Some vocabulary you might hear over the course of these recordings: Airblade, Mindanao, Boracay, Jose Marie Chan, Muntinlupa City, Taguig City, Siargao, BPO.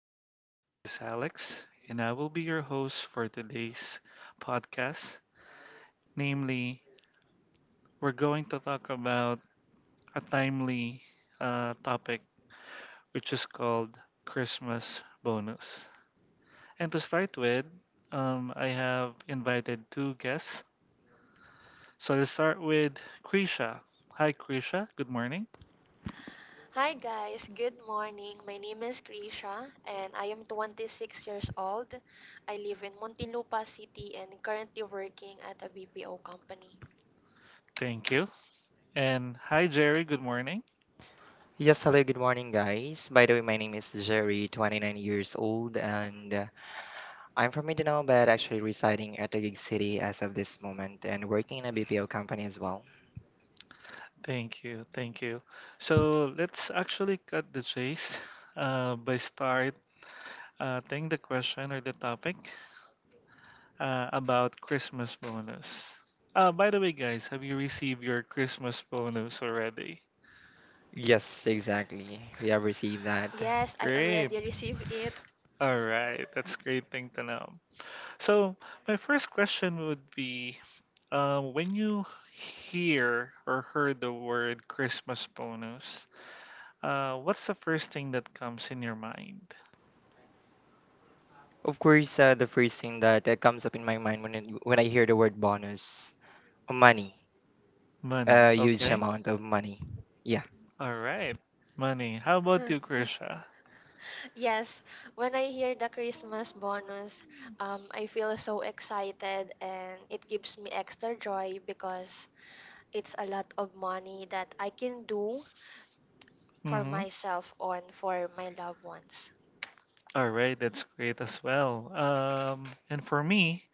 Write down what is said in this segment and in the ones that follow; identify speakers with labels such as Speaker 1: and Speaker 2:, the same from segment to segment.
Speaker 1: everyone. This is Alex, and I will be your host for today's podcast. Namely, we're going to talk about a timely topic, which is called Christmas bonus. And to start with, I have invited two guests. So let's start with Krisha. Hi, Krisha. Good morning.
Speaker 2: Hi guys, good morning. My name is Krisha and I am 26 years old. I live in Muntinlupa City and currently working at a BPO company.
Speaker 1: Thank you. And hi, Jerry. Good morning.
Speaker 3: Yes, hello, good morning, guys. By the way, my name is Jerry, 29 years old, and I'm from Mindanao, but actually residing at Taguig City as of this moment and working in a BPO company as well.
Speaker 1: Thank you, thank you. So let's actually cut the chase by start think the question or the topic about Christmas bonus. By the way, guys, have you received your Christmas bonus already?
Speaker 3: Yes, exactly. We have received that.
Speaker 2: Yes, I
Speaker 1: Great.
Speaker 2: already received it.
Speaker 1: All right, that's great thing to know. So my first question would be, when you hear or heard the word Christmas bonus, what's the first thing that comes in your mind?
Speaker 3: Of course, the first thing that comes up in my mind when I hear the word bonus, money,
Speaker 1: Money.
Speaker 3: a huge
Speaker 1: Okay.
Speaker 3: amount of money. Yeah,
Speaker 1: All right. Money. How about you, Krisha?
Speaker 2: Yes, when I hear the Christmas bonus, I feel so excited and it gives me extra joy because it's a lot of money that I can do for
Speaker 1: Mm-hmm.
Speaker 2: myself and for my loved ones.
Speaker 1: All right. That's great as well. And for me,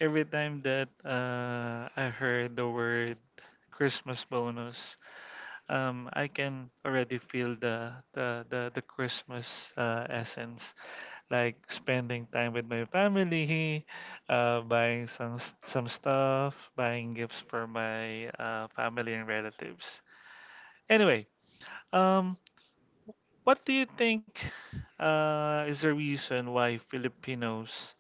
Speaker 1: every time that I heard the word Christmas bonus, I can already feel the Christmas essence. Like spending time with my family, buying some stuff, buying gifts for my family and relatives. Anyway, Um, what do you think is the reason why Filipinos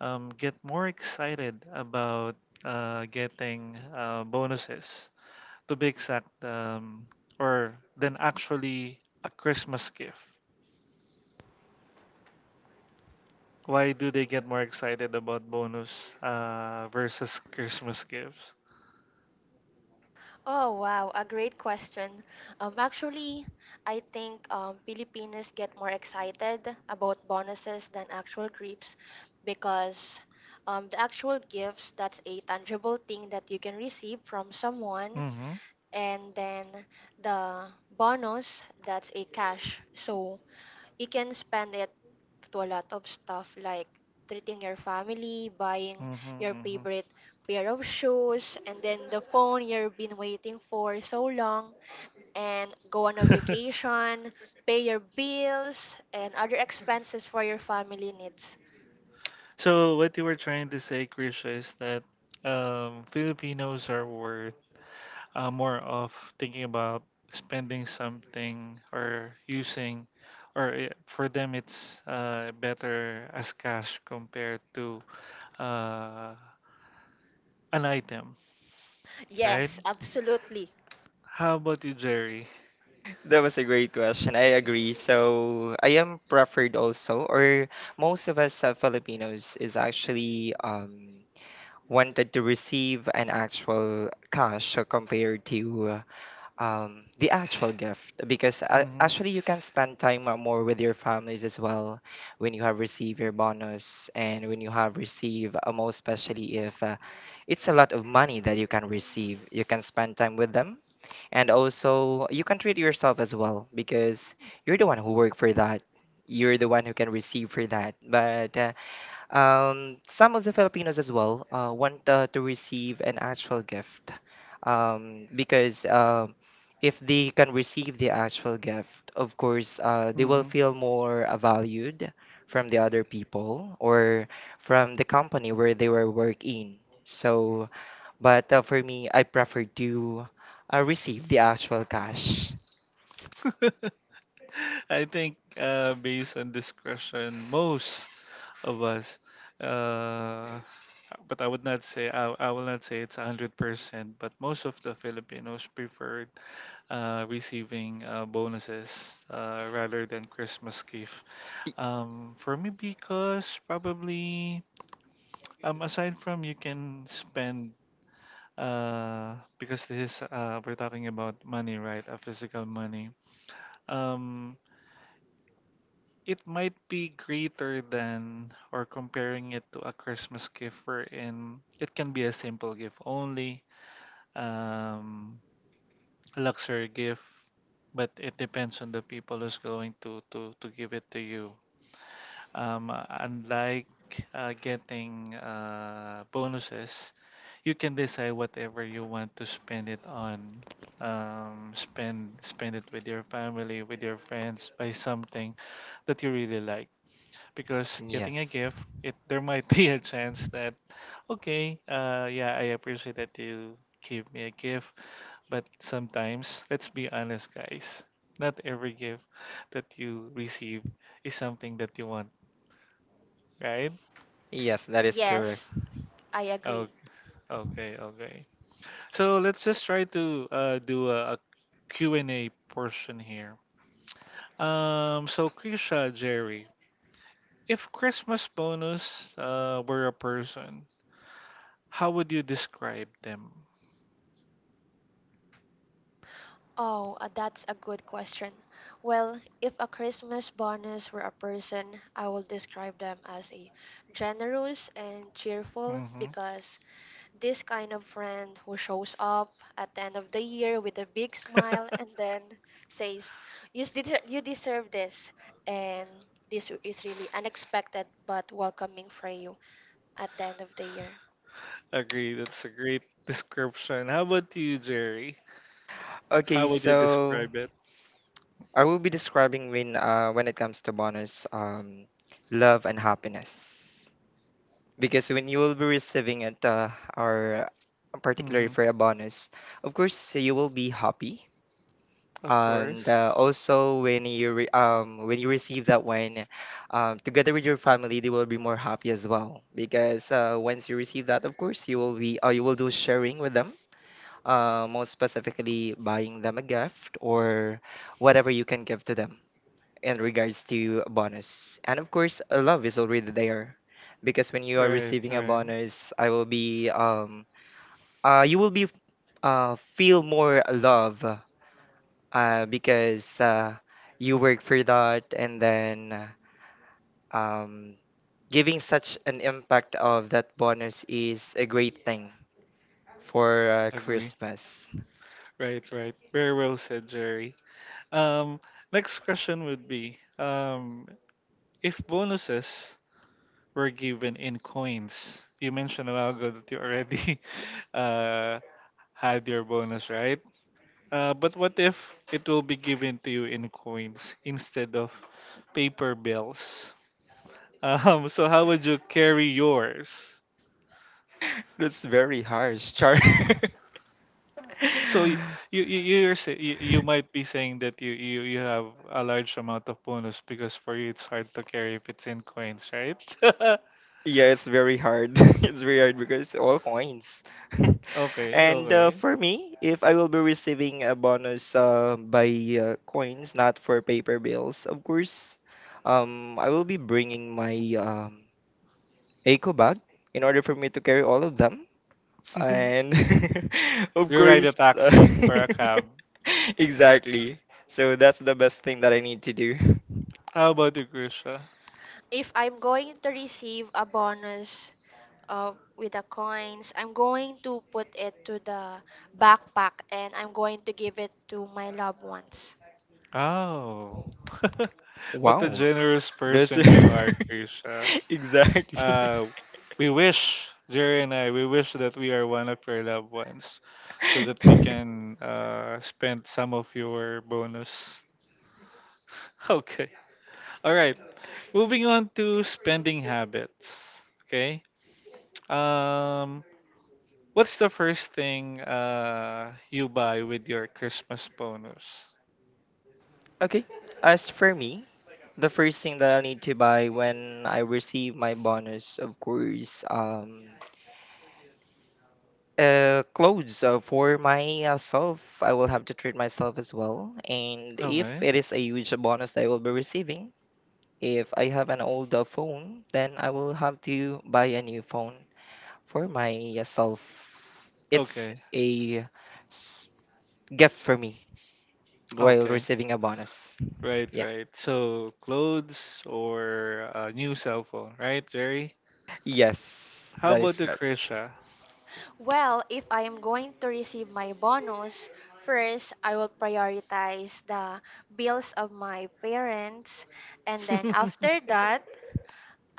Speaker 1: get more excited about getting bonuses, to be exact, or than actually a Christmas gift? Why do they get more excited about bonus versus Christmas gifts?
Speaker 2: Oh wow, a great question. Actually, I think Filipinos get more excited about bonuses than actual gifts because the actual gifts that's a tangible thing that you can receive from someone,
Speaker 1: Mm-hmm.
Speaker 2: and then the bonus that's a cash. So you can spend it to a lot of stuff like treating your family, buying your
Speaker 1: Mm-hmm.
Speaker 2: favorite pair of shoes, and then the phone you've been waiting for so long, and go on a
Speaker 1: Mm-hmm.
Speaker 2: vacation, pay your bills, and other expenses for your family needs.
Speaker 1: So what you were trying to say, Chris, is that Filipinos are worth more of thinking about spending something or using, or for them it's better as cash compared to uh, an item, right?
Speaker 2: Yes, absolutely.
Speaker 1: How about you, Jerry?
Speaker 3: that was a great question. I agree. So I am preferred also, or most of us Filipinos is actually wanted to receive an actual cash compared to the actual gift because
Speaker 1: Mm-hmm.
Speaker 3: actually you can spend time more with your families as well when you have received your bonus and when you have received most especially if it's a lot of money that you can receive. You can spend time with them, and also you can treat yourself as well because you're the one who worked for that, you're the one who can receive for that. But some of the Filipinos as well want to receive an actual gift because if they can receive the actual gift, of course, they will
Speaker 1: Hmm.
Speaker 3: feel more valued from the other people or from the company where they were working. So, but for me, I prefer to receive the actual cash.
Speaker 1: I think based on discretion, most of us, uh, but I would not say I will not say it's 100%, but most of the Filipinos prefer receiving bonuses rather than Christmas gift.
Speaker 3: Y-
Speaker 1: For me, because probably aside from you can spend because this is we're talking about money, right? A physical money. Um, it might be greater than or comparing it to a Christmas gift, wherein it can be a simple gift only. Um, a luxury gift, but it depends on the people who's going to give it to you. Unlike getting bonuses, you can decide whatever you want to spend it on. Spend it with your family, with your friends, buy something that you really like. Because getting a
Speaker 3: Yes.
Speaker 1: gift, it there might be a chance that, okay, yeah, I appreciate that you give me a gift but sometimes, let's be honest, guys, not every gift that you receive is something that you want, right?
Speaker 3: Yes, that is correct.
Speaker 2: Yes, I agree.
Speaker 1: Okay, okay, okay. So let's just try to do a Q and A portion here. So Krisha, Jerry, if Christmas bonus were a person, how would you describe them?
Speaker 2: Oh, that's a good question. Well, if a Christmas bonus were a person, I will describe them as a generous and cheerful
Speaker 1: Hmm.
Speaker 2: because this kind of friend who shows up at the end of the year with a big smile and then says, you deserve this," and this is really unexpected but welcoming for you at the end of the year.
Speaker 1: Agree, that's a great description. How about you, Jerry?
Speaker 3: Okay,
Speaker 1: How would you
Speaker 3: so.
Speaker 1: describe it?
Speaker 3: I will be describing, when it comes to bonus, love and happiness, because when you will be receiving it, or particularly for a bonus, of course you will be happy.
Speaker 1: Of
Speaker 3: And
Speaker 1: course.
Speaker 3: also, when you receive that one together with your family, they will be more happy as well because once you receive that, of course, you will be you will do sharing with them, most specifically buying them a gift or whatever you can give to them in regards to bonus. And of course, love is already there because when you are
Speaker 1: Right,
Speaker 3: receiving a
Speaker 1: right.
Speaker 3: bonus, I will be you will be feel more love, because you work for that. And then um giving such an impact of that bonus is a great thing for
Speaker 1: Agree.
Speaker 3: Christmas.
Speaker 1: Right, right. Very well said, Jerry. Um, next question would be, if bonuses were given in coins, you mentioned a while ago that you already uh had your bonus, right? But what if it will be given to you in coins instead of paper bills? So how would you carry yours?
Speaker 3: That's very harsh, Char.
Speaker 1: So you might be saying that you have a large amount of bonus because for you it's hard to carry if it's in coins, right? Okay,
Speaker 3: Yeah, it's very hard. It's very hard because it's all coins.
Speaker 1: okay.
Speaker 3: And for me, if I will be receiving a bonus by coins, not for paper bills, of course, I will be bringing my um, eco bag in order for me to carry all of them. And of
Speaker 1: You ride a
Speaker 3: course,
Speaker 1: taxi or a cab.
Speaker 3: exactly. So that's the best thing that I need to do.
Speaker 1: How about you, Krisha?
Speaker 2: If I'm going to receive a bonus with the coins, I'm going to put it to the backpack and I'm going to give it to my loved ones.
Speaker 1: Oh, what a
Speaker 3: Wow,
Speaker 1: generous
Speaker 3: that's
Speaker 1: person you are, Krisha.
Speaker 3: exactly.
Speaker 1: Uh, we wish, Jerry and I, we wish that we are one of your loved ones so that we can spend some of your bonus. Okay. All right. Moving on to spending habits. Okay. Um, what's the first thing you buy with your Christmas bonus?
Speaker 3: Okay. As for me, the first thing that I need to buy when I receive my bonus, of course, clothes for myself. I will have to treat myself as well. And if
Speaker 1: Okay.
Speaker 3: it is a huge bonus that I will be receiving, if I have an old phone, then I will have to buy a new phone for myself. It's
Speaker 1: Okay.
Speaker 3: a s- gift for me while
Speaker 1: Okay.
Speaker 3: receiving a bonus.
Speaker 1: Right,
Speaker 3: Yeah.
Speaker 1: right. So clothes or a new cell phone, right, Jerry?
Speaker 3: Yes,
Speaker 1: How
Speaker 3: that
Speaker 1: about
Speaker 3: is
Speaker 1: the
Speaker 3: good.
Speaker 1: Krisha?
Speaker 2: Well, if I am going to receive my bonus, first I will prioritize the bills of my parents and then after that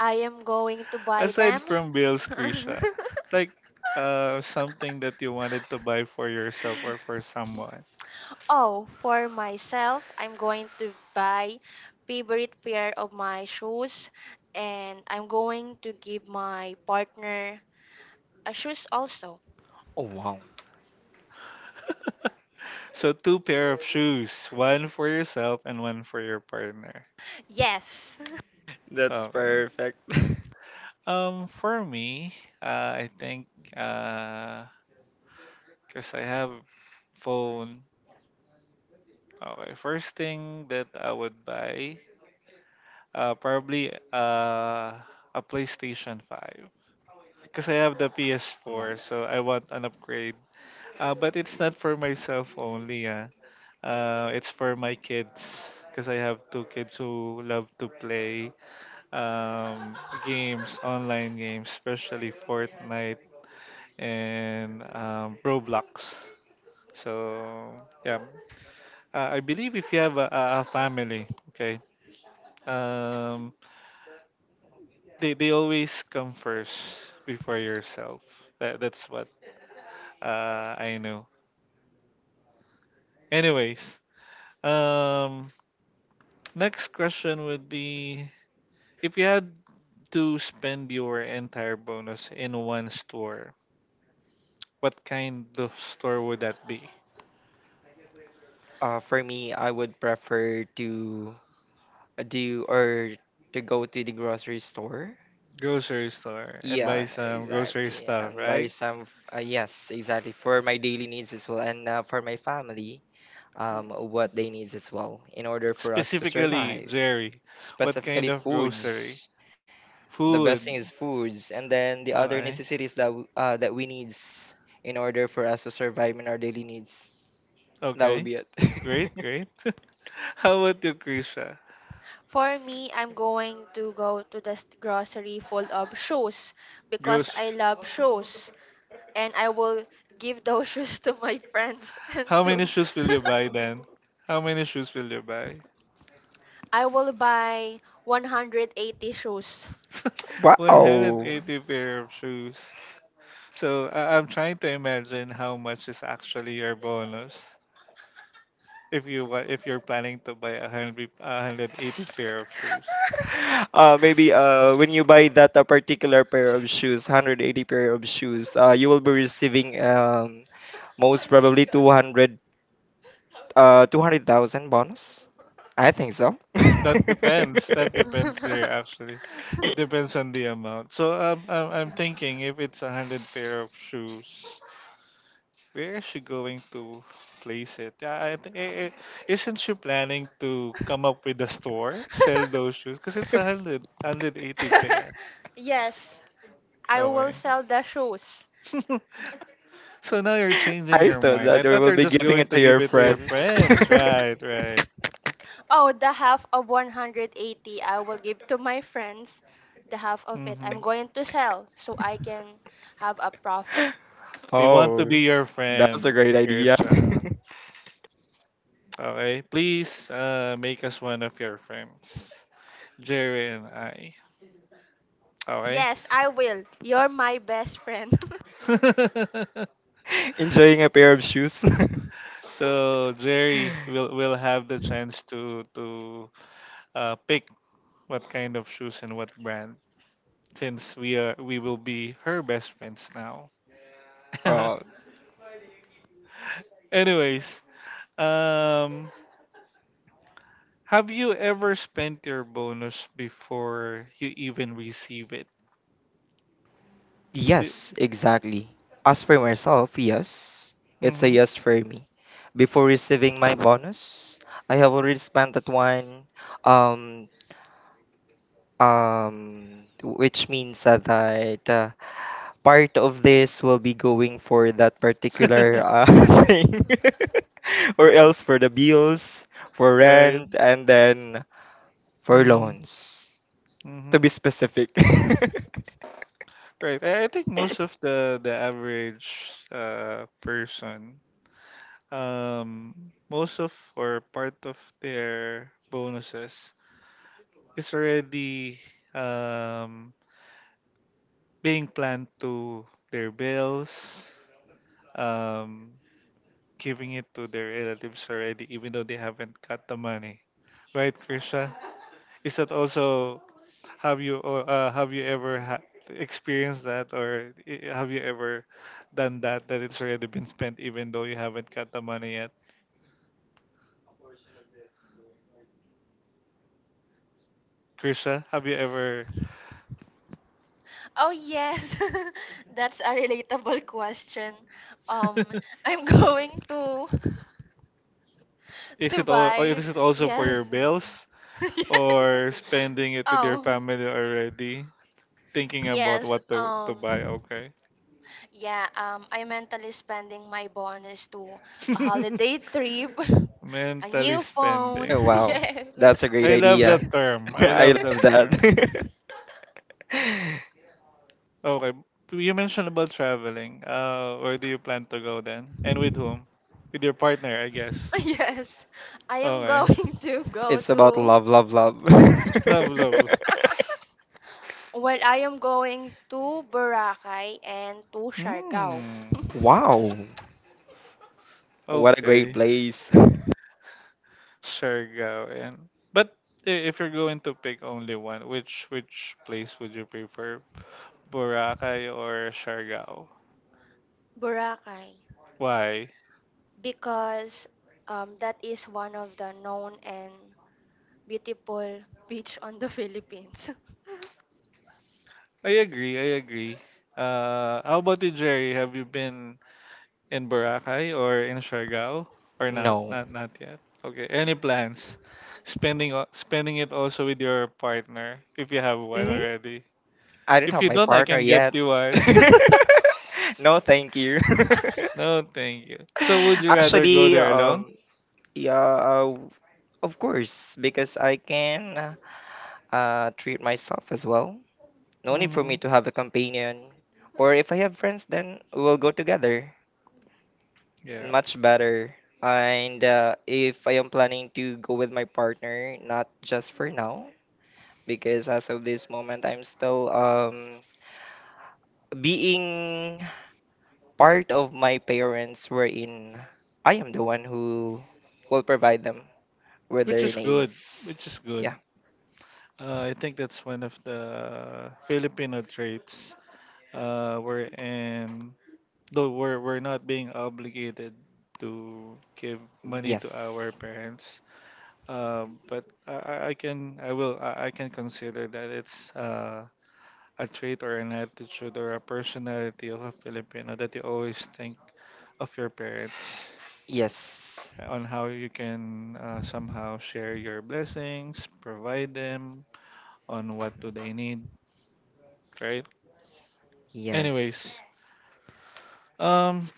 Speaker 2: I am going to buy
Speaker 1: Aside
Speaker 2: them.
Speaker 1: from bills, Krisha, like something that you wanted to buy for yourself or for someone.
Speaker 2: Oh, for myself, I'm going to buy favorite pair of my shoes and I'm going to give my partner a shoes also.
Speaker 3: Oh, wow.
Speaker 1: So two pair of shoes, one for yourself and one for your partner.
Speaker 2: Yes.
Speaker 3: That's
Speaker 1: Okay.
Speaker 3: perfect.
Speaker 1: For me, I think uh, Because I have phone. Okay, first thing that I would buy, probably a PlayStation 5. Because I have the
Speaker 3: One.
Speaker 1: PS4, so I want an upgrade. But it's not for myself only. It's
Speaker 3: Mhm.
Speaker 1: for my kids because I have two kids who love to play um, games, online games, especially Fortnite and Roblox. So yeah, I believe if you have a family, okay, um, they always come first before yourself. That's what I know. Anyways, Um, next question would be, if you had to spend your entire bonus in one store, what kind of store would that be?
Speaker 3: For me, I would prefer to do or to go to the grocery store.
Speaker 1: Grocery store and buy
Speaker 3: Yeah,
Speaker 1: some grocery
Speaker 3: exactly.
Speaker 1: stuff,
Speaker 3: And buy
Speaker 1: right?
Speaker 3: some, yes, exactly. For my daily needs as well, and for my family, what they needs as well, in order for us to
Speaker 1: Specifically,
Speaker 3: survive.
Speaker 1: Jerry, what
Speaker 3: Specifically,
Speaker 1: kind of grocery?
Speaker 3: foods. The best thing
Speaker 1: Food.
Speaker 3: is foods, and then the other
Speaker 1: Okay.
Speaker 3: necessities that we needs in order for us to survive in our daily needs. That would
Speaker 1: Okay.
Speaker 3: be it.
Speaker 1: Great, great. How about you, Krisha?
Speaker 2: For me, I'm going to go to the grocery full of shoes because
Speaker 1: Grocery.
Speaker 2: I love shoes and I will give those shoes to my friends and
Speaker 1: How many
Speaker 2: to
Speaker 1: shoes will you buy then? How many shoes will you buy?
Speaker 2: I will buy 180 shoes.
Speaker 3: Wow.
Speaker 1: 180 pair of shoes. So I'm trying to imagine how much is actually your bonus if you if you're planning to buy a 180 pair of shoes.
Speaker 3: Maybe when you buy that a particular pair of shoes, 180 pair of shoes, you will be receiving most probably 200 200,000 bonus. I think so.
Speaker 1: That depends. That
Speaker 3: I
Speaker 1: depends there actually. It depends on the amount. So I'm thinking if it's 100 pair of shoes. Where is she going to place it? Yeah, I think isn't she planning to come up with a store, sell those shoes? Because it's 180 pair.
Speaker 2: Yes, I will
Speaker 1: Okay.
Speaker 2: sell the shoes.
Speaker 1: So now you're changing
Speaker 3: thought
Speaker 1: your mind.
Speaker 3: that
Speaker 1: I
Speaker 3: you
Speaker 1: thought
Speaker 3: will
Speaker 1: you're
Speaker 3: be
Speaker 1: just
Speaker 3: giving
Speaker 1: going
Speaker 3: it
Speaker 1: to
Speaker 3: to
Speaker 1: give
Speaker 3: your
Speaker 1: it to your
Speaker 3: friends.
Speaker 1: friends. Right, right.
Speaker 2: Oh, the half of 180 I will give to my friends. The half of it
Speaker 1: Hmm.
Speaker 2: I'm going to sell so I can have a profit.
Speaker 1: We want to
Speaker 3: Oh,
Speaker 1: be your
Speaker 3: that's a
Speaker 1: friend,
Speaker 3: great idea.
Speaker 1: Kirsha. Okay. Please make us one of your friends, Jerry and I. Okay.
Speaker 2: Yes, I will. You're my best friend.
Speaker 3: Enjoying a pair of shoes.
Speaker 1: So Jerry will have the chance to pick what kind of shoes and what brand since we will be her best friends now.
Speaker 3: Oh,
Speaker 1: Anyways, um have you ever spent your bonus before you even receive it? Did,
Speaker 3: yes, exactly. As for myself, yes, it's a
Speaker 1: hmm.
Speaker 3: yes for me. Before receiving my bonus, I have already spent that one. Um, which means that part of this will be going for that particular thing, or else for the bills, for
Speaker 1: Right.
Speaker 3: rent, and then for
Speaker 1: Mm-hmm.
Speaker 3: loans. To
Speaker 1: Mm-hmm.
Speaker 3: be specific.
Speaker 1: Right. I think most of the average person, um, most of or part of their bonuses is already um being planned to their bills, um, giving it to their relatives already, even though they haven't got the money. Right, Krisha? Is that also have you or have you ever experienced that, or have you ever done that it's already been spent, even though you haven't got the money yet? Krisha, have you ever?
Speaker 2: Oh yes. That's a relatable question. Um, I'm going to
Speaker 1: Is
Speaker 2: to
Speaker 1: it all? Or
Speaker 2: buy
Speaker 1: is it also for your
Speaker 2: yes.
Speaker 1: bills, or spending it with your
Speaker 2: Oh,
Speaker 1: family already, thinking about
Speaker 2: yes.
Speaker 1: what to buy?
Speaker 2: Um,
Speaker 1: Okay.
Speaker 2: yeah, I mentally spending my bonus to a holiday trip, a
Speaker 1: Mentally
Speaker 2: new phone.
Speaker 3: Oh,
Speaker 1: spending.
Speaker 3: wow,
Speaker 2: Yes.
Speaker 3: that's a great
Speaker 1: I love
Speaker 2: Yes.
Speaker 1: that
Speaker 3: idea.
Speaker 1: term. I
Speaker 3: I
Speaker 1: love that
Speaker 3: love
Speaker 1: term.
Speaker 3: that.
Speaker 1: Okay. You mentioned about traveling. Where do you plan to go then? And with whom? With your partner, I guess.
Speaker 2: Yes. I am
Speaker 1: Okay.
Speaker 2: going to go
Speaker 3: It's about
Speaker 2: to
Speaker 3: love, love, love.
Speaker 1: Love, love. Love.
Speaker 2: well, I am going to Boracay and to Siargao.
Speaker 1: Hmm.
Speaker 3: Wow, what a great
Speaker 1: Okay.
Speaker 3: place.
Speaker 1: Siargaoan. But if you're going to pick only one, which place would you prefer? Boracay or Siargao?
Speaker 2: Boracay
Speaker 1: Why?
Speaker 2: because that is one of the known and beautiful beach on the Philippines.
Speaker 1: I agree. I agree. How about you, Jerry? Have you been in Boracay or in Siargao or not?
Speaker 3: No.
Speaker 1: Not yet. Okay. Any plans? Spending spending it also with your partner if you have one
Speaker 3: Mm,
Speaker 1: already.
Speaker 3: I don't
Speaker 1: If
Speaker 3: have
Speaker 1: you
Speaker 3: my
Speaker 1: don't, I
Speaker 3: partner
Speaker 1: can get
Speaker 3: yet.
Speaker 1: you one.
Speaker 3: No, thank you.
Speaker 1: No, thank you. So would you rather go
Speaker 3: Actually,
Speaker 1: there alone?
Speaker 3: yeah, of course, because I can treat myself as well. No need for
Speaker 1: Mm-hmm.
Speaker 3: me to have a companion. Or if I have friends, then we'll go together.
Speaker 1: Yeah.
Speaker 3: Much better. And if I am planning to go with my partner, not just for now, because as of this moment, I'm still being part of my parents, wherein I am the one who will provide them with
Speaker 1: Which
Speaker 3: their
Speaker 1: is
Speaker 3: needs.
Speaker 1: good. Which is
Speaker 3: Yeah.
Speaker 1: good. I think that's one of the Filipino traits. We're in though we're not being obligated to give money
Speaker 3: Yes.
Speaker 1: to our parents. But I can I will I can consider that it's a trait or an attitude or a personality of a Filipino that you always think of your parents
Speaker 3: Yes.
Speaker 1: on how you can somehow share your blessings, provide them on what do they need, right?
Speaker 3: Yes.
Speaker 1: Anyways, um,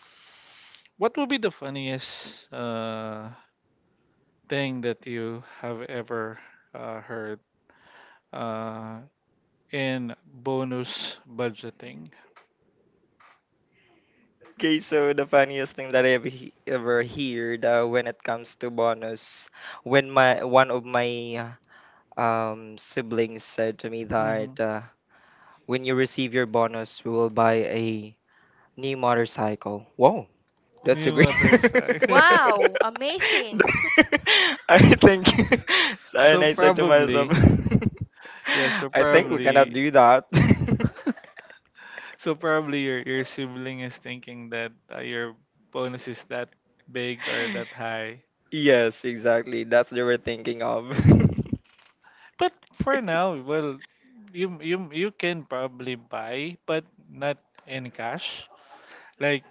Speaker 1: what would be the funniest thing that you have ever heard uh, in bonus budgeting?
Speaker 3: Okay, so the funniest thing that I've ever heard when it comes to bonus, when my one of my siblings said to me
Speaker 1: Mm-hmm.
Speaker 3: that, when you receive your bonus, we will buy a new motorcycle. Whoa, that's a
Speaker 1: Yung
Speaker 3: great.
Speaker 1: motorcycle.
Speaker 2: Wow, amazing.
Speaker 3: I think, and
Speaker 1: So
Speaker 3: I said to myself,
Speaker 1: probably, yeah. So
Speaker 3: I think we cannot
Speaker 1: probably,
Speaker 3: do that.
Speaker 1: so probably your sibling is thinking that your bonus is that big or that high.
Speaker 3: Yes, exactly. That's what they we're thinking of.
Speaker 1: But for now, well, you can probably buy, but not in cash. Like,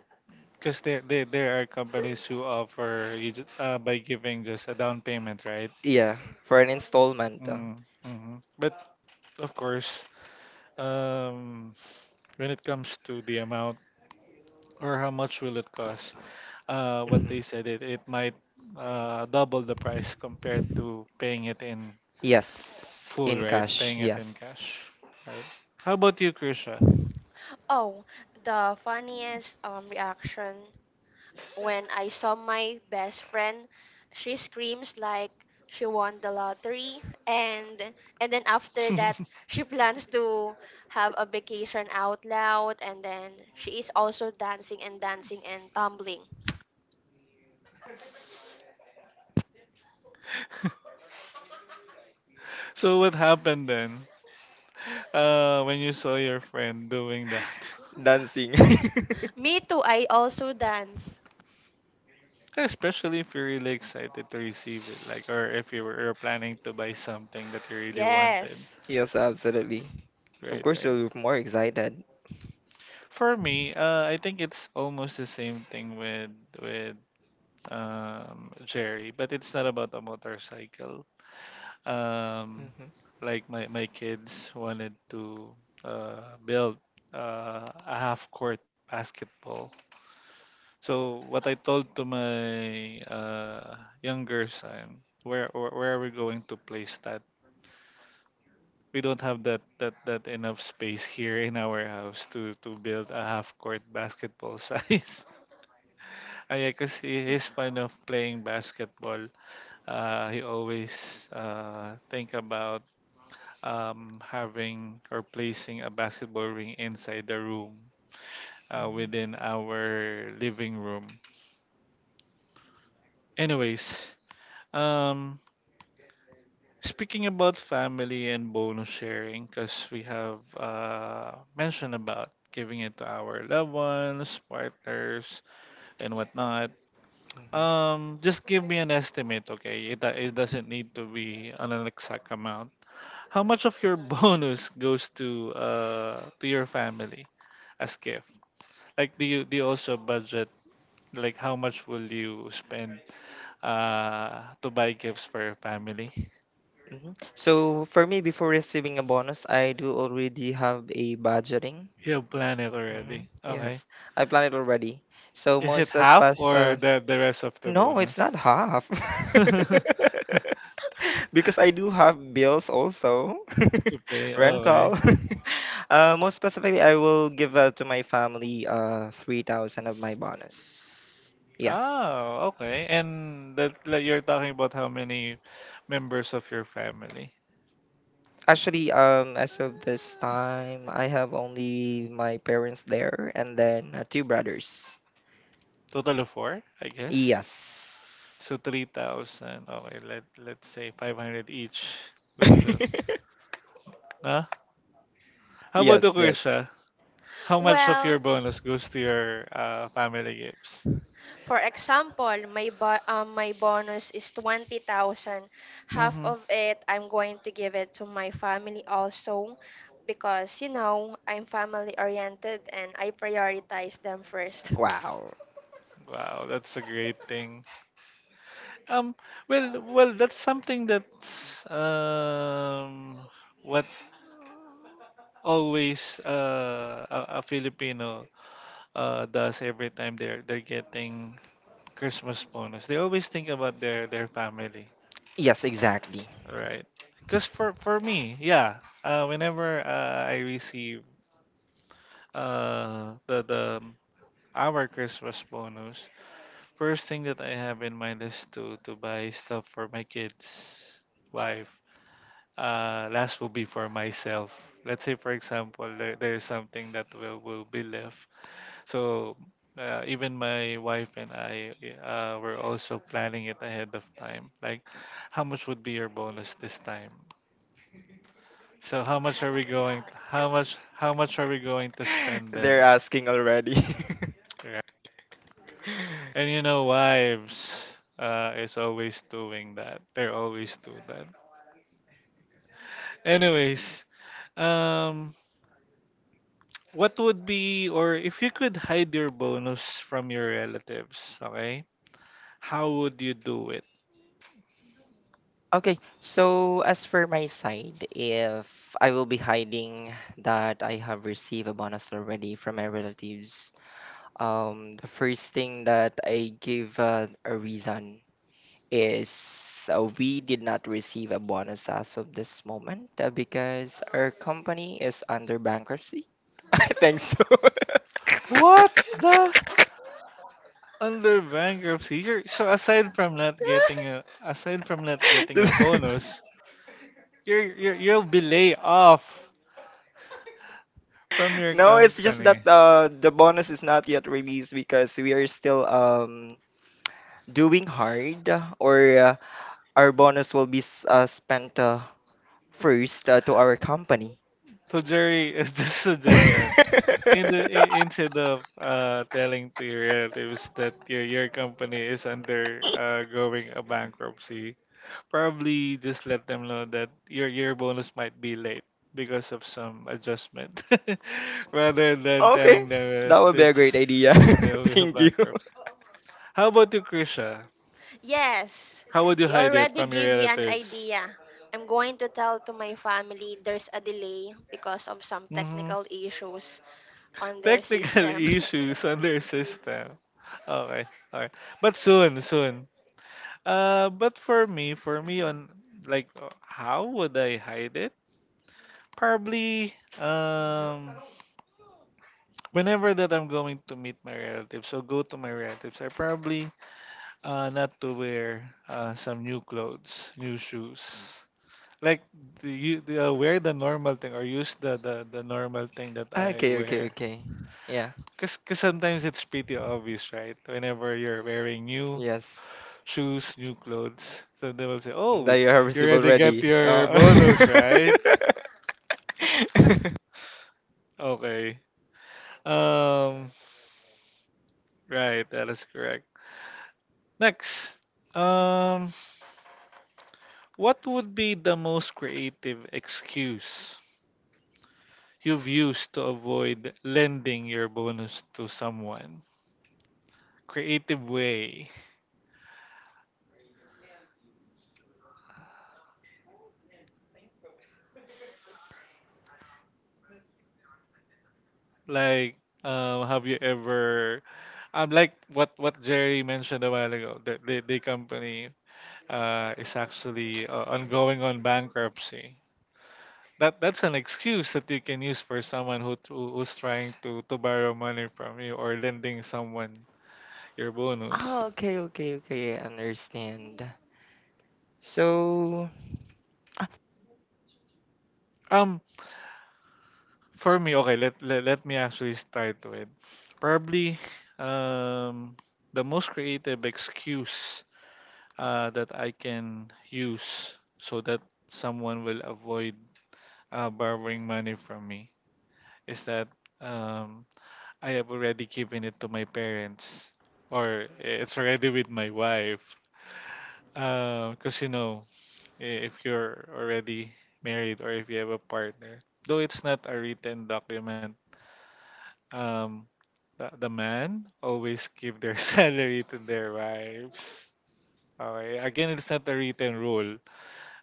Speaker 1: cause there are companies who offer you by giving just a down payment, right?
Speaker 3: Yeah, for an installment.
Speaker 1: Mm, hmm. But of course, um, when it comes to the amount or how much will it cost, what
Speaker 3: Mhm.
Speaker 1: they said it might double the price compared to paying it in
Speaker 3: Yes,
Speaker 1: full,
Speaker 3: in
Speaker 1: right?
Speaker 3: cash.
Speaker 1: Paying it in
Speaker 3: Yes.
Speaker 1: cash, right? How about you, Krisha?
Speaker 2: Oh, the funniest reaction when I saw my best friend, she screams like she won the lottery and then after that she plans to have a vacation out loud and then she is also dancing and dancing and tumbling.
Speaker 1: So what happened then? When you saw your friend doing that,
Speaker 3: Dancing.
Speaker 2: Me too, I also dance.
Speaker 1: especially if you're really excited to receive it, like, or if you're planning to buy something that you really wanted,
Speaker 2: Yes.
Speaker 3: Yes, absolutely. Of
Speaker 1: right?
Speaker 3: course,
Speaker 1: Right.
Speaker 3: you'll be more excited.
Speaker 1: For me, I think it's almost the same thing with with Jerry, but it's not about a motorcycle. Um,
Speaker 3: Mhm,
Speaker 1: like my kids wanted to build a half court basketball. So what I told to my younger son, where are we going to place that? We don't have that enough space here in our house to build a half court basketball size. Ah, yeah, cause he is fond of playing basketball. He always think about having or placing a basketball ring inside the room, within our living room. Anyways, Um, speaking about family and bonus sharing, because we have mentioned about giving it to our loved ones, partners, and whatnot.
Speaker 3: mhm,
Speaker 1: Just give me an estimate, okay? It doesn't need to be an exact amount. How much of your bonus goes to your family as gift? Like, do you also budget? Like, how much will you spend to buy gifts for your family?
Speaker 3: mhm. So, for me, before receiving a bonus, I do already have a budgeting.
Speaker 1: You have planned it
Speaker 3: Hmm,
Speaker 1: already. Okay.
Speaker 3: yes, I plan it already. So
Speaker 1: Is it
Speaker 3: most as
Speaker 1: half
Speaker 3: past
Speaker 1: or the rest of the
Speaker 3: no, it's
Speaker 1: bonus?
Speaker 3: not half.
Speaker 1: To
Speaker 3: Because I do have bills also,
Speaker 1: pay. Okay.
Speaker 3: rental. Most specifically, I will give, to my family, 3,000 of my bonus. Yeah,
Speaker 1: Oh, okay. And that like you're talking about how many members of your family?
Speaker 3: actually, as of this
Speaker 1: Uh,
Speaker 3: time, I have only my parents there, and then two brothers.
Speaker 1: Total of four, I guess.
Speaker 3: Yes.
Speaker 1: So 3,000. Okay, let's say 500 each will do. Huh? How about the
Speaker 3: Yes, yes.
Speaker 1: Kursha? How much of
Speaker 2: Well,
Speaker 1: your bonus goes to your family gifts?
Speaker 2: for example, my bonus is 20,000. Half
Speaker 1: Mm-hmm.
Speaker 2: of it I'm going to give it to my family also because you know, I'm family oriented and I prioritize them first.
Speaker 3: Wow.
Speaker 1: Wow, that's a great thing. Um, well, that's something that's what always a Filipino does every time they're getting Christmas bonus. They always think about their family,
Speaker 3: Yes, exactly.
Speaker 1: right? Cause for me, yeah, whenever I receive the our Christmas bonus, first thing that I have in my list to buy stuff for my kids, wife. Last will be for myself. Let's say, for example, there's something that will be left. So even my wife and I were also planning it ahead of time. Like, how much would be your bonus this time? So how much are we going? How much? How much are we going to spend then?
Speaker 3: They're asking already.
Speaker 1: And you know, wives is always doing that. They're always doing that. Anyways, um, what would be, or if you could hide your bonus from your relatives, okay? How would you do it?
Speaker 3: Okay, so as for my side, if I will be hiding that I have received a bonus already from my relatives, the first thing that I give, a reason, is we did not receive a bonus as of this moment because our company is under bankruptcy. I think
Speaker 1: What the? Under bankruptcy, so aside from not getting a, aside from not getting
Speaker 3: so.
Speaker 1: a bonus, you'll be laid off from your
Speaker 3: No, it's just
Speaker 1: company.
Speaker 3: that the bonus is not yet released because we are still doing hard, or our bonus will be spent, first, to our company.
Speaker 1: So Jerry, is just suggestion. Instead of telling to your relatives that your company is under going a bankruptcy, probably just let them know that your bonus might be late because of some adjustment, rather than
Speaker 3: Okay,
Speaker 1: telling them that
Speaker 3: that would be a great
Speaker 1: it's
Speaker 3: idea.
Speaker 1: they will be
Speaker 3: Thank you.
Speaker 1: bankruptcy. How about you, Krisha?
Speaker 2: Yes,
Speaker 1: How would you
Speaker 2: you
Speaker 1: hide it
Speaker 2: already
Speaker 1: from your
Speaker 2: give me an
Speaker 1: relatives?
Speaker 2: idea. I'm going to tell to my family there's a delay because of some
Speaker 1: hmm
Speaker 2: technical issues on their
Speaker 1: Technical
Speaker 2: system.
Speaker 1: issues on their system. Okay, alright. But soon, soon. But for me on like how would I hide it? Probably whenever that I'm going to meet my relatives so go to my relatives, I probably not to wear some new clothes, new shoes. Like do you do, wear the normal thing or use the, the normal thing that
Speaker 3: Ah,
Speaker 1: I
Speaker 3: okay, okay,
Speaker 1: wear.
Speaker 3: okay. Yeah.
Speaker 1: Cause sometimes it's pretty obvious, right? Whenever you're wearing new
Speaker 3: Yes.
Speaker 1: shoes, new clothes. So they will say, "Oh,
Speaker 3: That
Speaker 1: we-
Speaker 3: you have
Speaker 1: you
Speaker 3: received
Speaker 1: already got
Speaker 3: already.
Speaker 1: your bonus, right?" Okay. Um. Right. That is correct. Next. Um. What would be the most creative excuse you've used to avoid lending your bonus to someone? Creative way. Like. Have you ever like what Jerry mentioned a while ago the company is actually ongoing on bankruptcy. That's an excuse that you can use for someone who who's trying to borrow money from you or lending someone your
Speaker 3: Ah,
Speaker 1: bonus.
Speaker 3: okay, okay, okay. I understand. So,
Speaker 1: Um, for me, okay, let me actually start with probably um the most creative excuse that I can use so that someone will avoid borrowing money from me is that um I have already given it to my parents, or eh, it's already with my wife. Because, you know, if you're already married or if you have a partner, though it's not a written document, um, the man always give their salary to their wives. Okay. Again, it's not a written rule,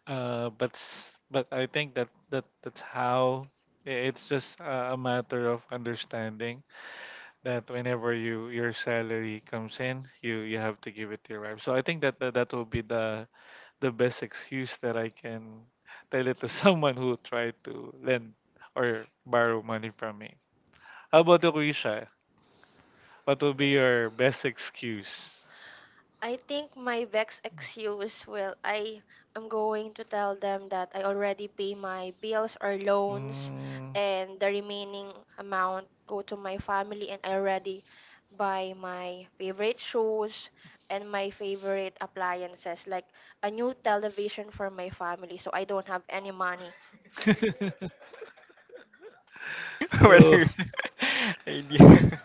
Speaker 1: but but I think that, that's how it's just a matter of understanding that whenever you your salary comes in, you have to give it to your wife. So I think that that will be the best excuse that I can tell it to someone who tried to lend or borrow money from me. How about you, Risha? What will be your best excuse?
Speaker 2: I think my vex excuse will I am going to tell them that I already pay my bills or loans
Speaker 1: Mm.
Speaker 2: and the remaining amount go to my family and I already buy my favorite shoes and my favorite appliances like a new television for my family so I don't have any money.
Speaker 1: So
Speaker 3: whether idea.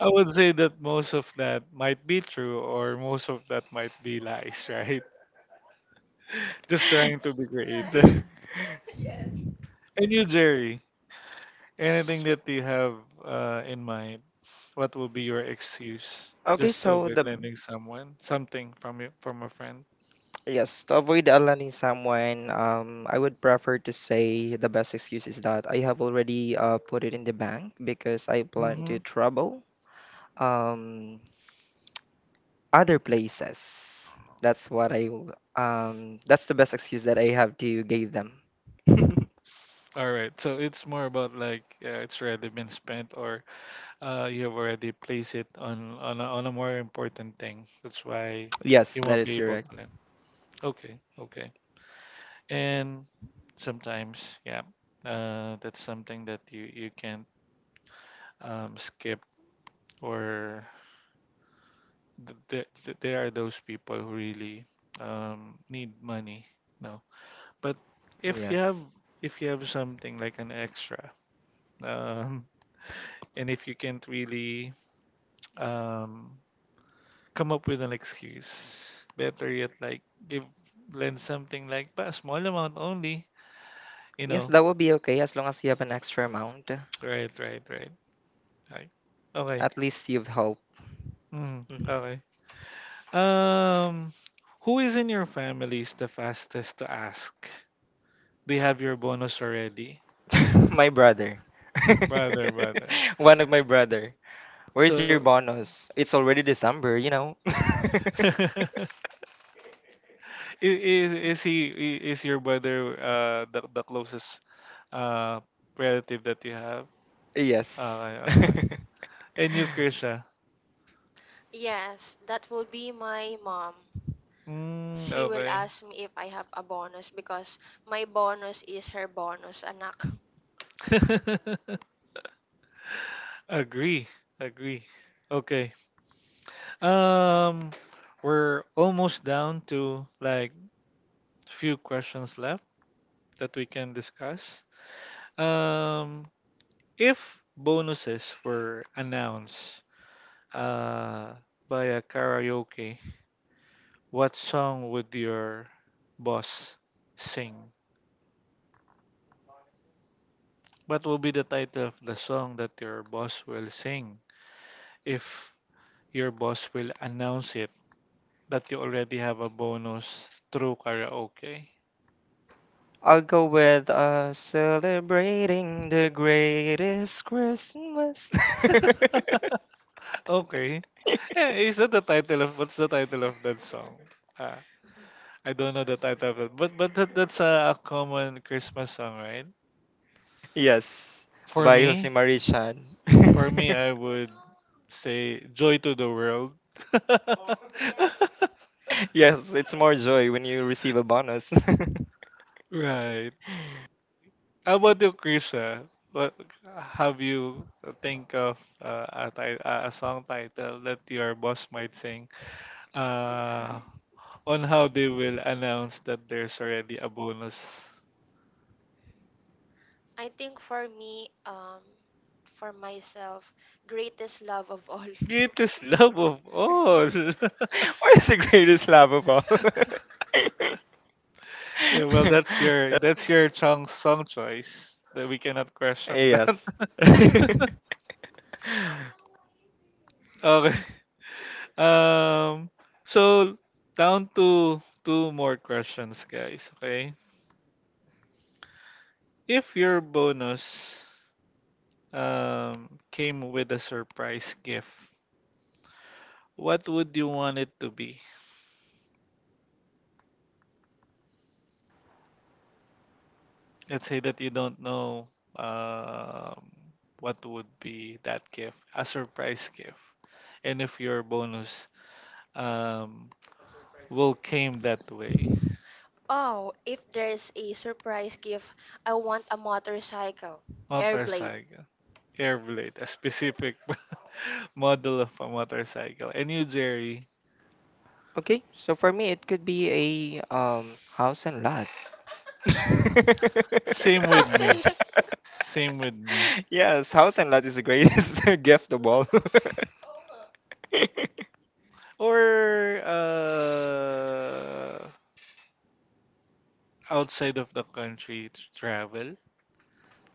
Speaker 1: I would say that most of that might be true or most of that might be lies, right? Just trying to be creative.
Speaker 3: the,
Speaker 1: And you, Jerry, anything that you have in mind? What will be your excuse
Speaker 3: okay,
Speaker 1: just to
Speaker 3: so
Speaker 1: avoid
Speaker 3: the
Speaker 1: lending someone something from you, from a friend?
Speaker 3: yes, to avoid outlining someone, I would prefer to say the best excuse is that I have already, put it in the bank because I plan to
Speaker 1: Mm-hmm.
Speaker 3: travel um other places. That's the best excuse that I have to give them.
Speaker 1: All right. So it's more about like it's already been spent, or you have already placed it on a more important thing. That's why
Speaker 3: Yes,
Speaker 1: you
Speaker 3: that
Speaker 1: won't
Speaker 3: is
Speaker 1: be able
Speaker 3: correct.
Speaker 1: to lend. Okay. Okay. And sometimes, yeah, that's something that you can't skip or there are those people who really need money no but if you have
Speaker 3: Yes.
Speaker 1: if you have something like an extra um, and if you can't really um, come up with an excuse better yet like give lend something like but a small amount only you
Speaker 3: Yes,
Speaker 1: know
Speaker 3: that will be okay as long as you have an extra amount.
Speaker 1: right right right right okay
Speaker 3: At least you've helped.
Speaker 1: mm,
Speaker 3: Mhm.
Speaker 1: okay um who is in your family is the fastest to ask? They have your bonus already?
Speaker 3: My brother.
Speaker 1: Brother, brother.
Speaker 3: One of my brother.
Speaker 1: So
Speaker 3: Where's your bonus? It's already December.
Speaker 1: I- is he is your brother the closest uh relative that you have?
Speaker 3: Yes.
Speaker 1: Okay, okay. And you, Krisha?
Speaker 2: Yes, that will be my mom.
Speaker 1: Mm,
Speaker 2: She will
Speaker 1: okay.
Speaker 2: ask me if I have a bonus because my bonus is her bonus anak.
Speaker 1: Agree, agree. Okay. Um, we're almost down to like few questions left that we can discuss. Um, if bonuses were announced uh by a karaoke, what song would your boss sing? What will be the title of the song that your boss will sing if your boss will announce it that you already have a bonus through karaoke?
Speaker 3: I'll go with celebrating the greatest Christmas.
Speaker 1: Okay. Eh, is that the title of what's the title of that song? Uh, I don't know the title of it, but that, that's a common Christmas song, right?
Speaker 3: Yes,
Speaker 1: For
Speaker 3: by Jose
Speaker 1: me,
Speaker 3: Marie Chan.
Speaker 1: for me, I would say "Joy to the World."
Speaker 3: Yes, it's more joy when you receive a bonus.
Speaker 1: Right. How about you, Krisha? What have you think of a song title that your boss might sing? Uh, on how they will announce that there's already a bonus.
Speaker 2: I think for me, for myself, greatest love of all.
Speaker 1: Greatest love of all.
Speaker 3: What is the greatest love of all?
Speaker 1: Yeah, well, that's your song song choice. That we cannot question
Speaker 3: Yes.
Speaker 1: that. Okay. Um. So down to two more questions, guys. Okay. If your bonus came with a surprise gift, what would you want it to be? Let's say that you don't know um, what would be that gift, a surprise gift, and if your bonus um, will came that way.
Speaker 2: Oh, if there's a surprise gift, I want a motorcycle, Airblade.
Speaker 1: Motorcycle, air blade, a specific model of a motorcycle. And you, Jerry,
Speaker 3: Okay, so for me, it could be a house and lot.
Speaker 1: same with me,
Speaker 2: Sorry.
Speaker 1: same with me.
Speaker 3: Yes, house and lot is the greatest gift of all.
Speaker 1: Or outside of the country travel,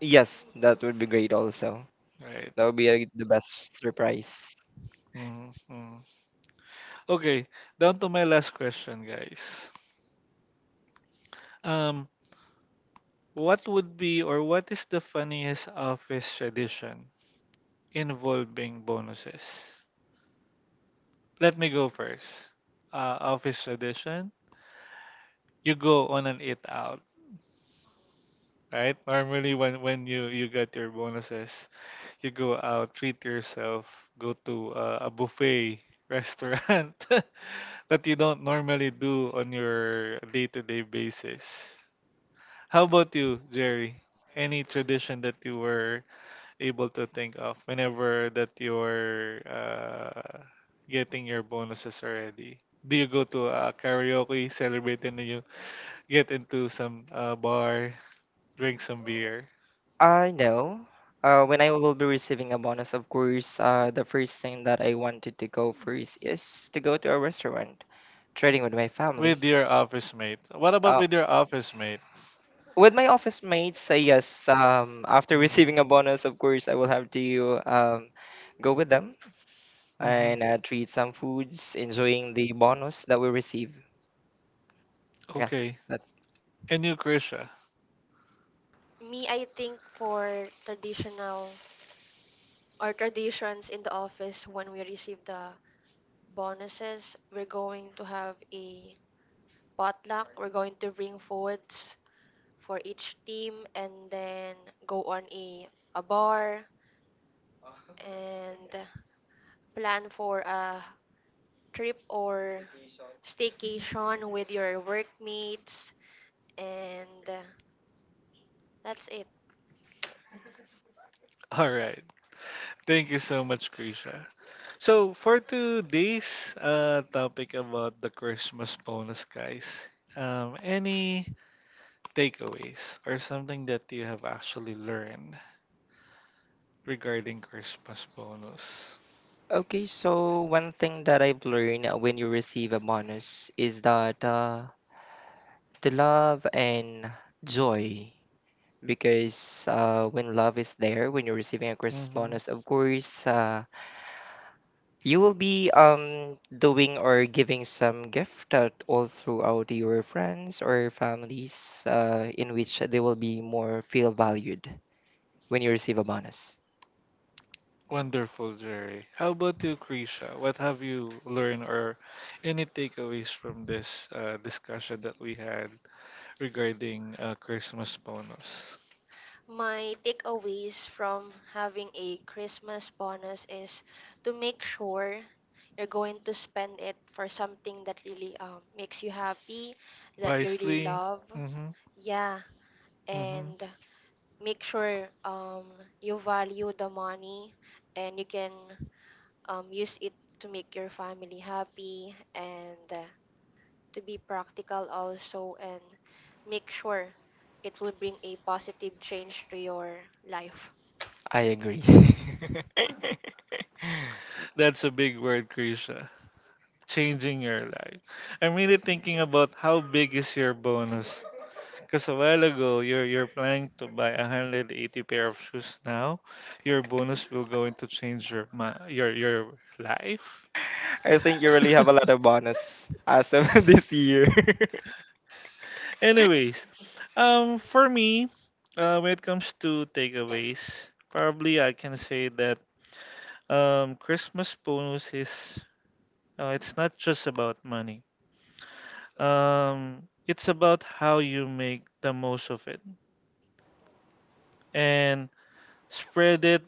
Speaker 3: Yes, that would be great. Also,
Speaker 1: right?
Speaker 3: that would be the best surprise.
Speaker 1: Mm-hmm. Okay, down to my last question, guys. Um, what would be or what is the funniest office tradition involving bonuses? Let me go first. Office tradition, you go on an eat out, right? Normally, when you you get your bonuses, you go out, treat yourself, go to a buffet restaurant that you don't normally do on your day-to-day basis. How about you, Jerry? Any tradition that you were able to think of whenever that you're getting your bonuses already? Do you go to a karaoke, celebrate, and then you get into some bar, drink some beer
Speaker 3: No. When I will be receiving a bonus, of course, the first thing that I wanted to go first is to go to a restaurant, trading with my
Speaker 1: with
Speaker 3: family.
Speaker 1: your office mates? What about
Speaker 3: Uh,
Speaker 1: with your office mates?
Speaker 3: with my office mates, yes. After receiving a
Speaker 1: Mm-hmm.
Speaker 3: bonus, of course, I will have to go with them
Speaker 1: Mm-hmm.
Speaker 3: and treat some foods, enjoying the bonus that we receive. Yeah,
Speaker 1: Okay.
Speaker 3: that's
Speaker 1: And you, Krisha.
Speaker 2: Me, I think for traditional or traditions in the office, when we receive the bonuses, we're going to have a potluck. We're going to bring foods for each team and then go on a bar and plan for a trip or staycation with your workmates and that's it.
Speaker 1: All right. Thank you so much, Krisha. So for today's topic about the Christmas bonus, guys, any takeaways or something that you have actually learned regarding Christmas bonus?
Speaker 3: okay. So one thing that I've learned, when you receive a bonus, is that the love and joy, because when love is there, when you're receiving a Christmas
Speaker 1: Mm-hmm.
Speaker 3: bonus, of course, you will be doing or giving some gift out all throughout your friends or families, in which they will be more feel valued when you receive a bonus.
Speaker 1: Wonderful, Jerry. How about you, Krisha? What have you learned or any takeaways from this discussion that we had regarding Christmas bonus?
Speaker 2: My takeaways from having a Christmas bonus is to make sure you're going to spend it for something that really makes you happy, that you really
Speaker 1: Wisely.
Speaker 2: love.
Speaker 1: Mm-hmm.
Speaker 2: Yeah,
Speaker 1: Mm-hmm.
Speaker 2: and make sure you value the money and you can use it to make your family happy and to be practical also and make sure it will bring a positive change to your life.
Speaker 3: I agree.
Speaker 1: That's a big word, Krisha. Changing your life. I'm really thinking about how big is your bonus. Because a while ago, you're planning to buy 180 pair of shoes. Now, your bonus will going to change your your life.
Speaker 3: I think you really have a lot of bonus as of this year.
Speaker 1: Anyways, for me, when it comes to takeaways, probably I can say that Christmas bonus is it's not just about money, it's about how you make the most of it and spread it,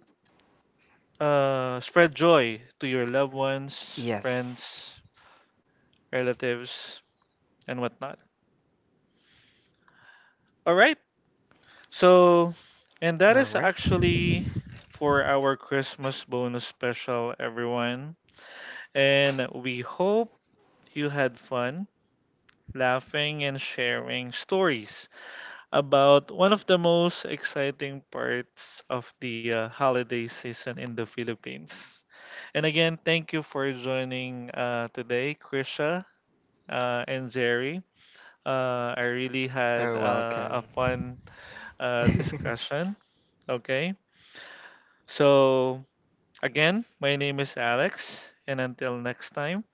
Speaker 1: spread joy to your loved ones,
Speaker 3: Yes.
Speaker 1: friends, relatives, and whatnot. All right. So and that
Speaker 3: All
Speaker 1: is
Speaker 3: right.
Speaker 1: actually for our Christmas bonus special, everyone. And we hope you had fun laughing and sharing stories about one of the most exciting parts of the holiday season in the Philippines. And again, thank you for joining today, Krisha and Jerry. I really
Speaker 3: You're
Speaker 1: had a
Speaker 3: welcome.
Speaker 1: fun discussion. Okay. So, again, my name is Alex, and until next time.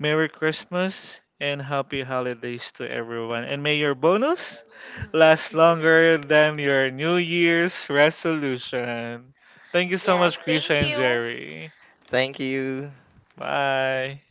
Speaker 1: Merry Christmas and happy holidays to everyone. And may your bonus last longer than your New Year's resolution. Thank you so
Speaker 2: Yes,
Speaker 1: much, Krisha
Speaker 2: thank
Speaker 1: and
Speaker 2: you.
Speaker 1: Jerry.
Speaker 3: Thank you.
Speaker 1: Bye.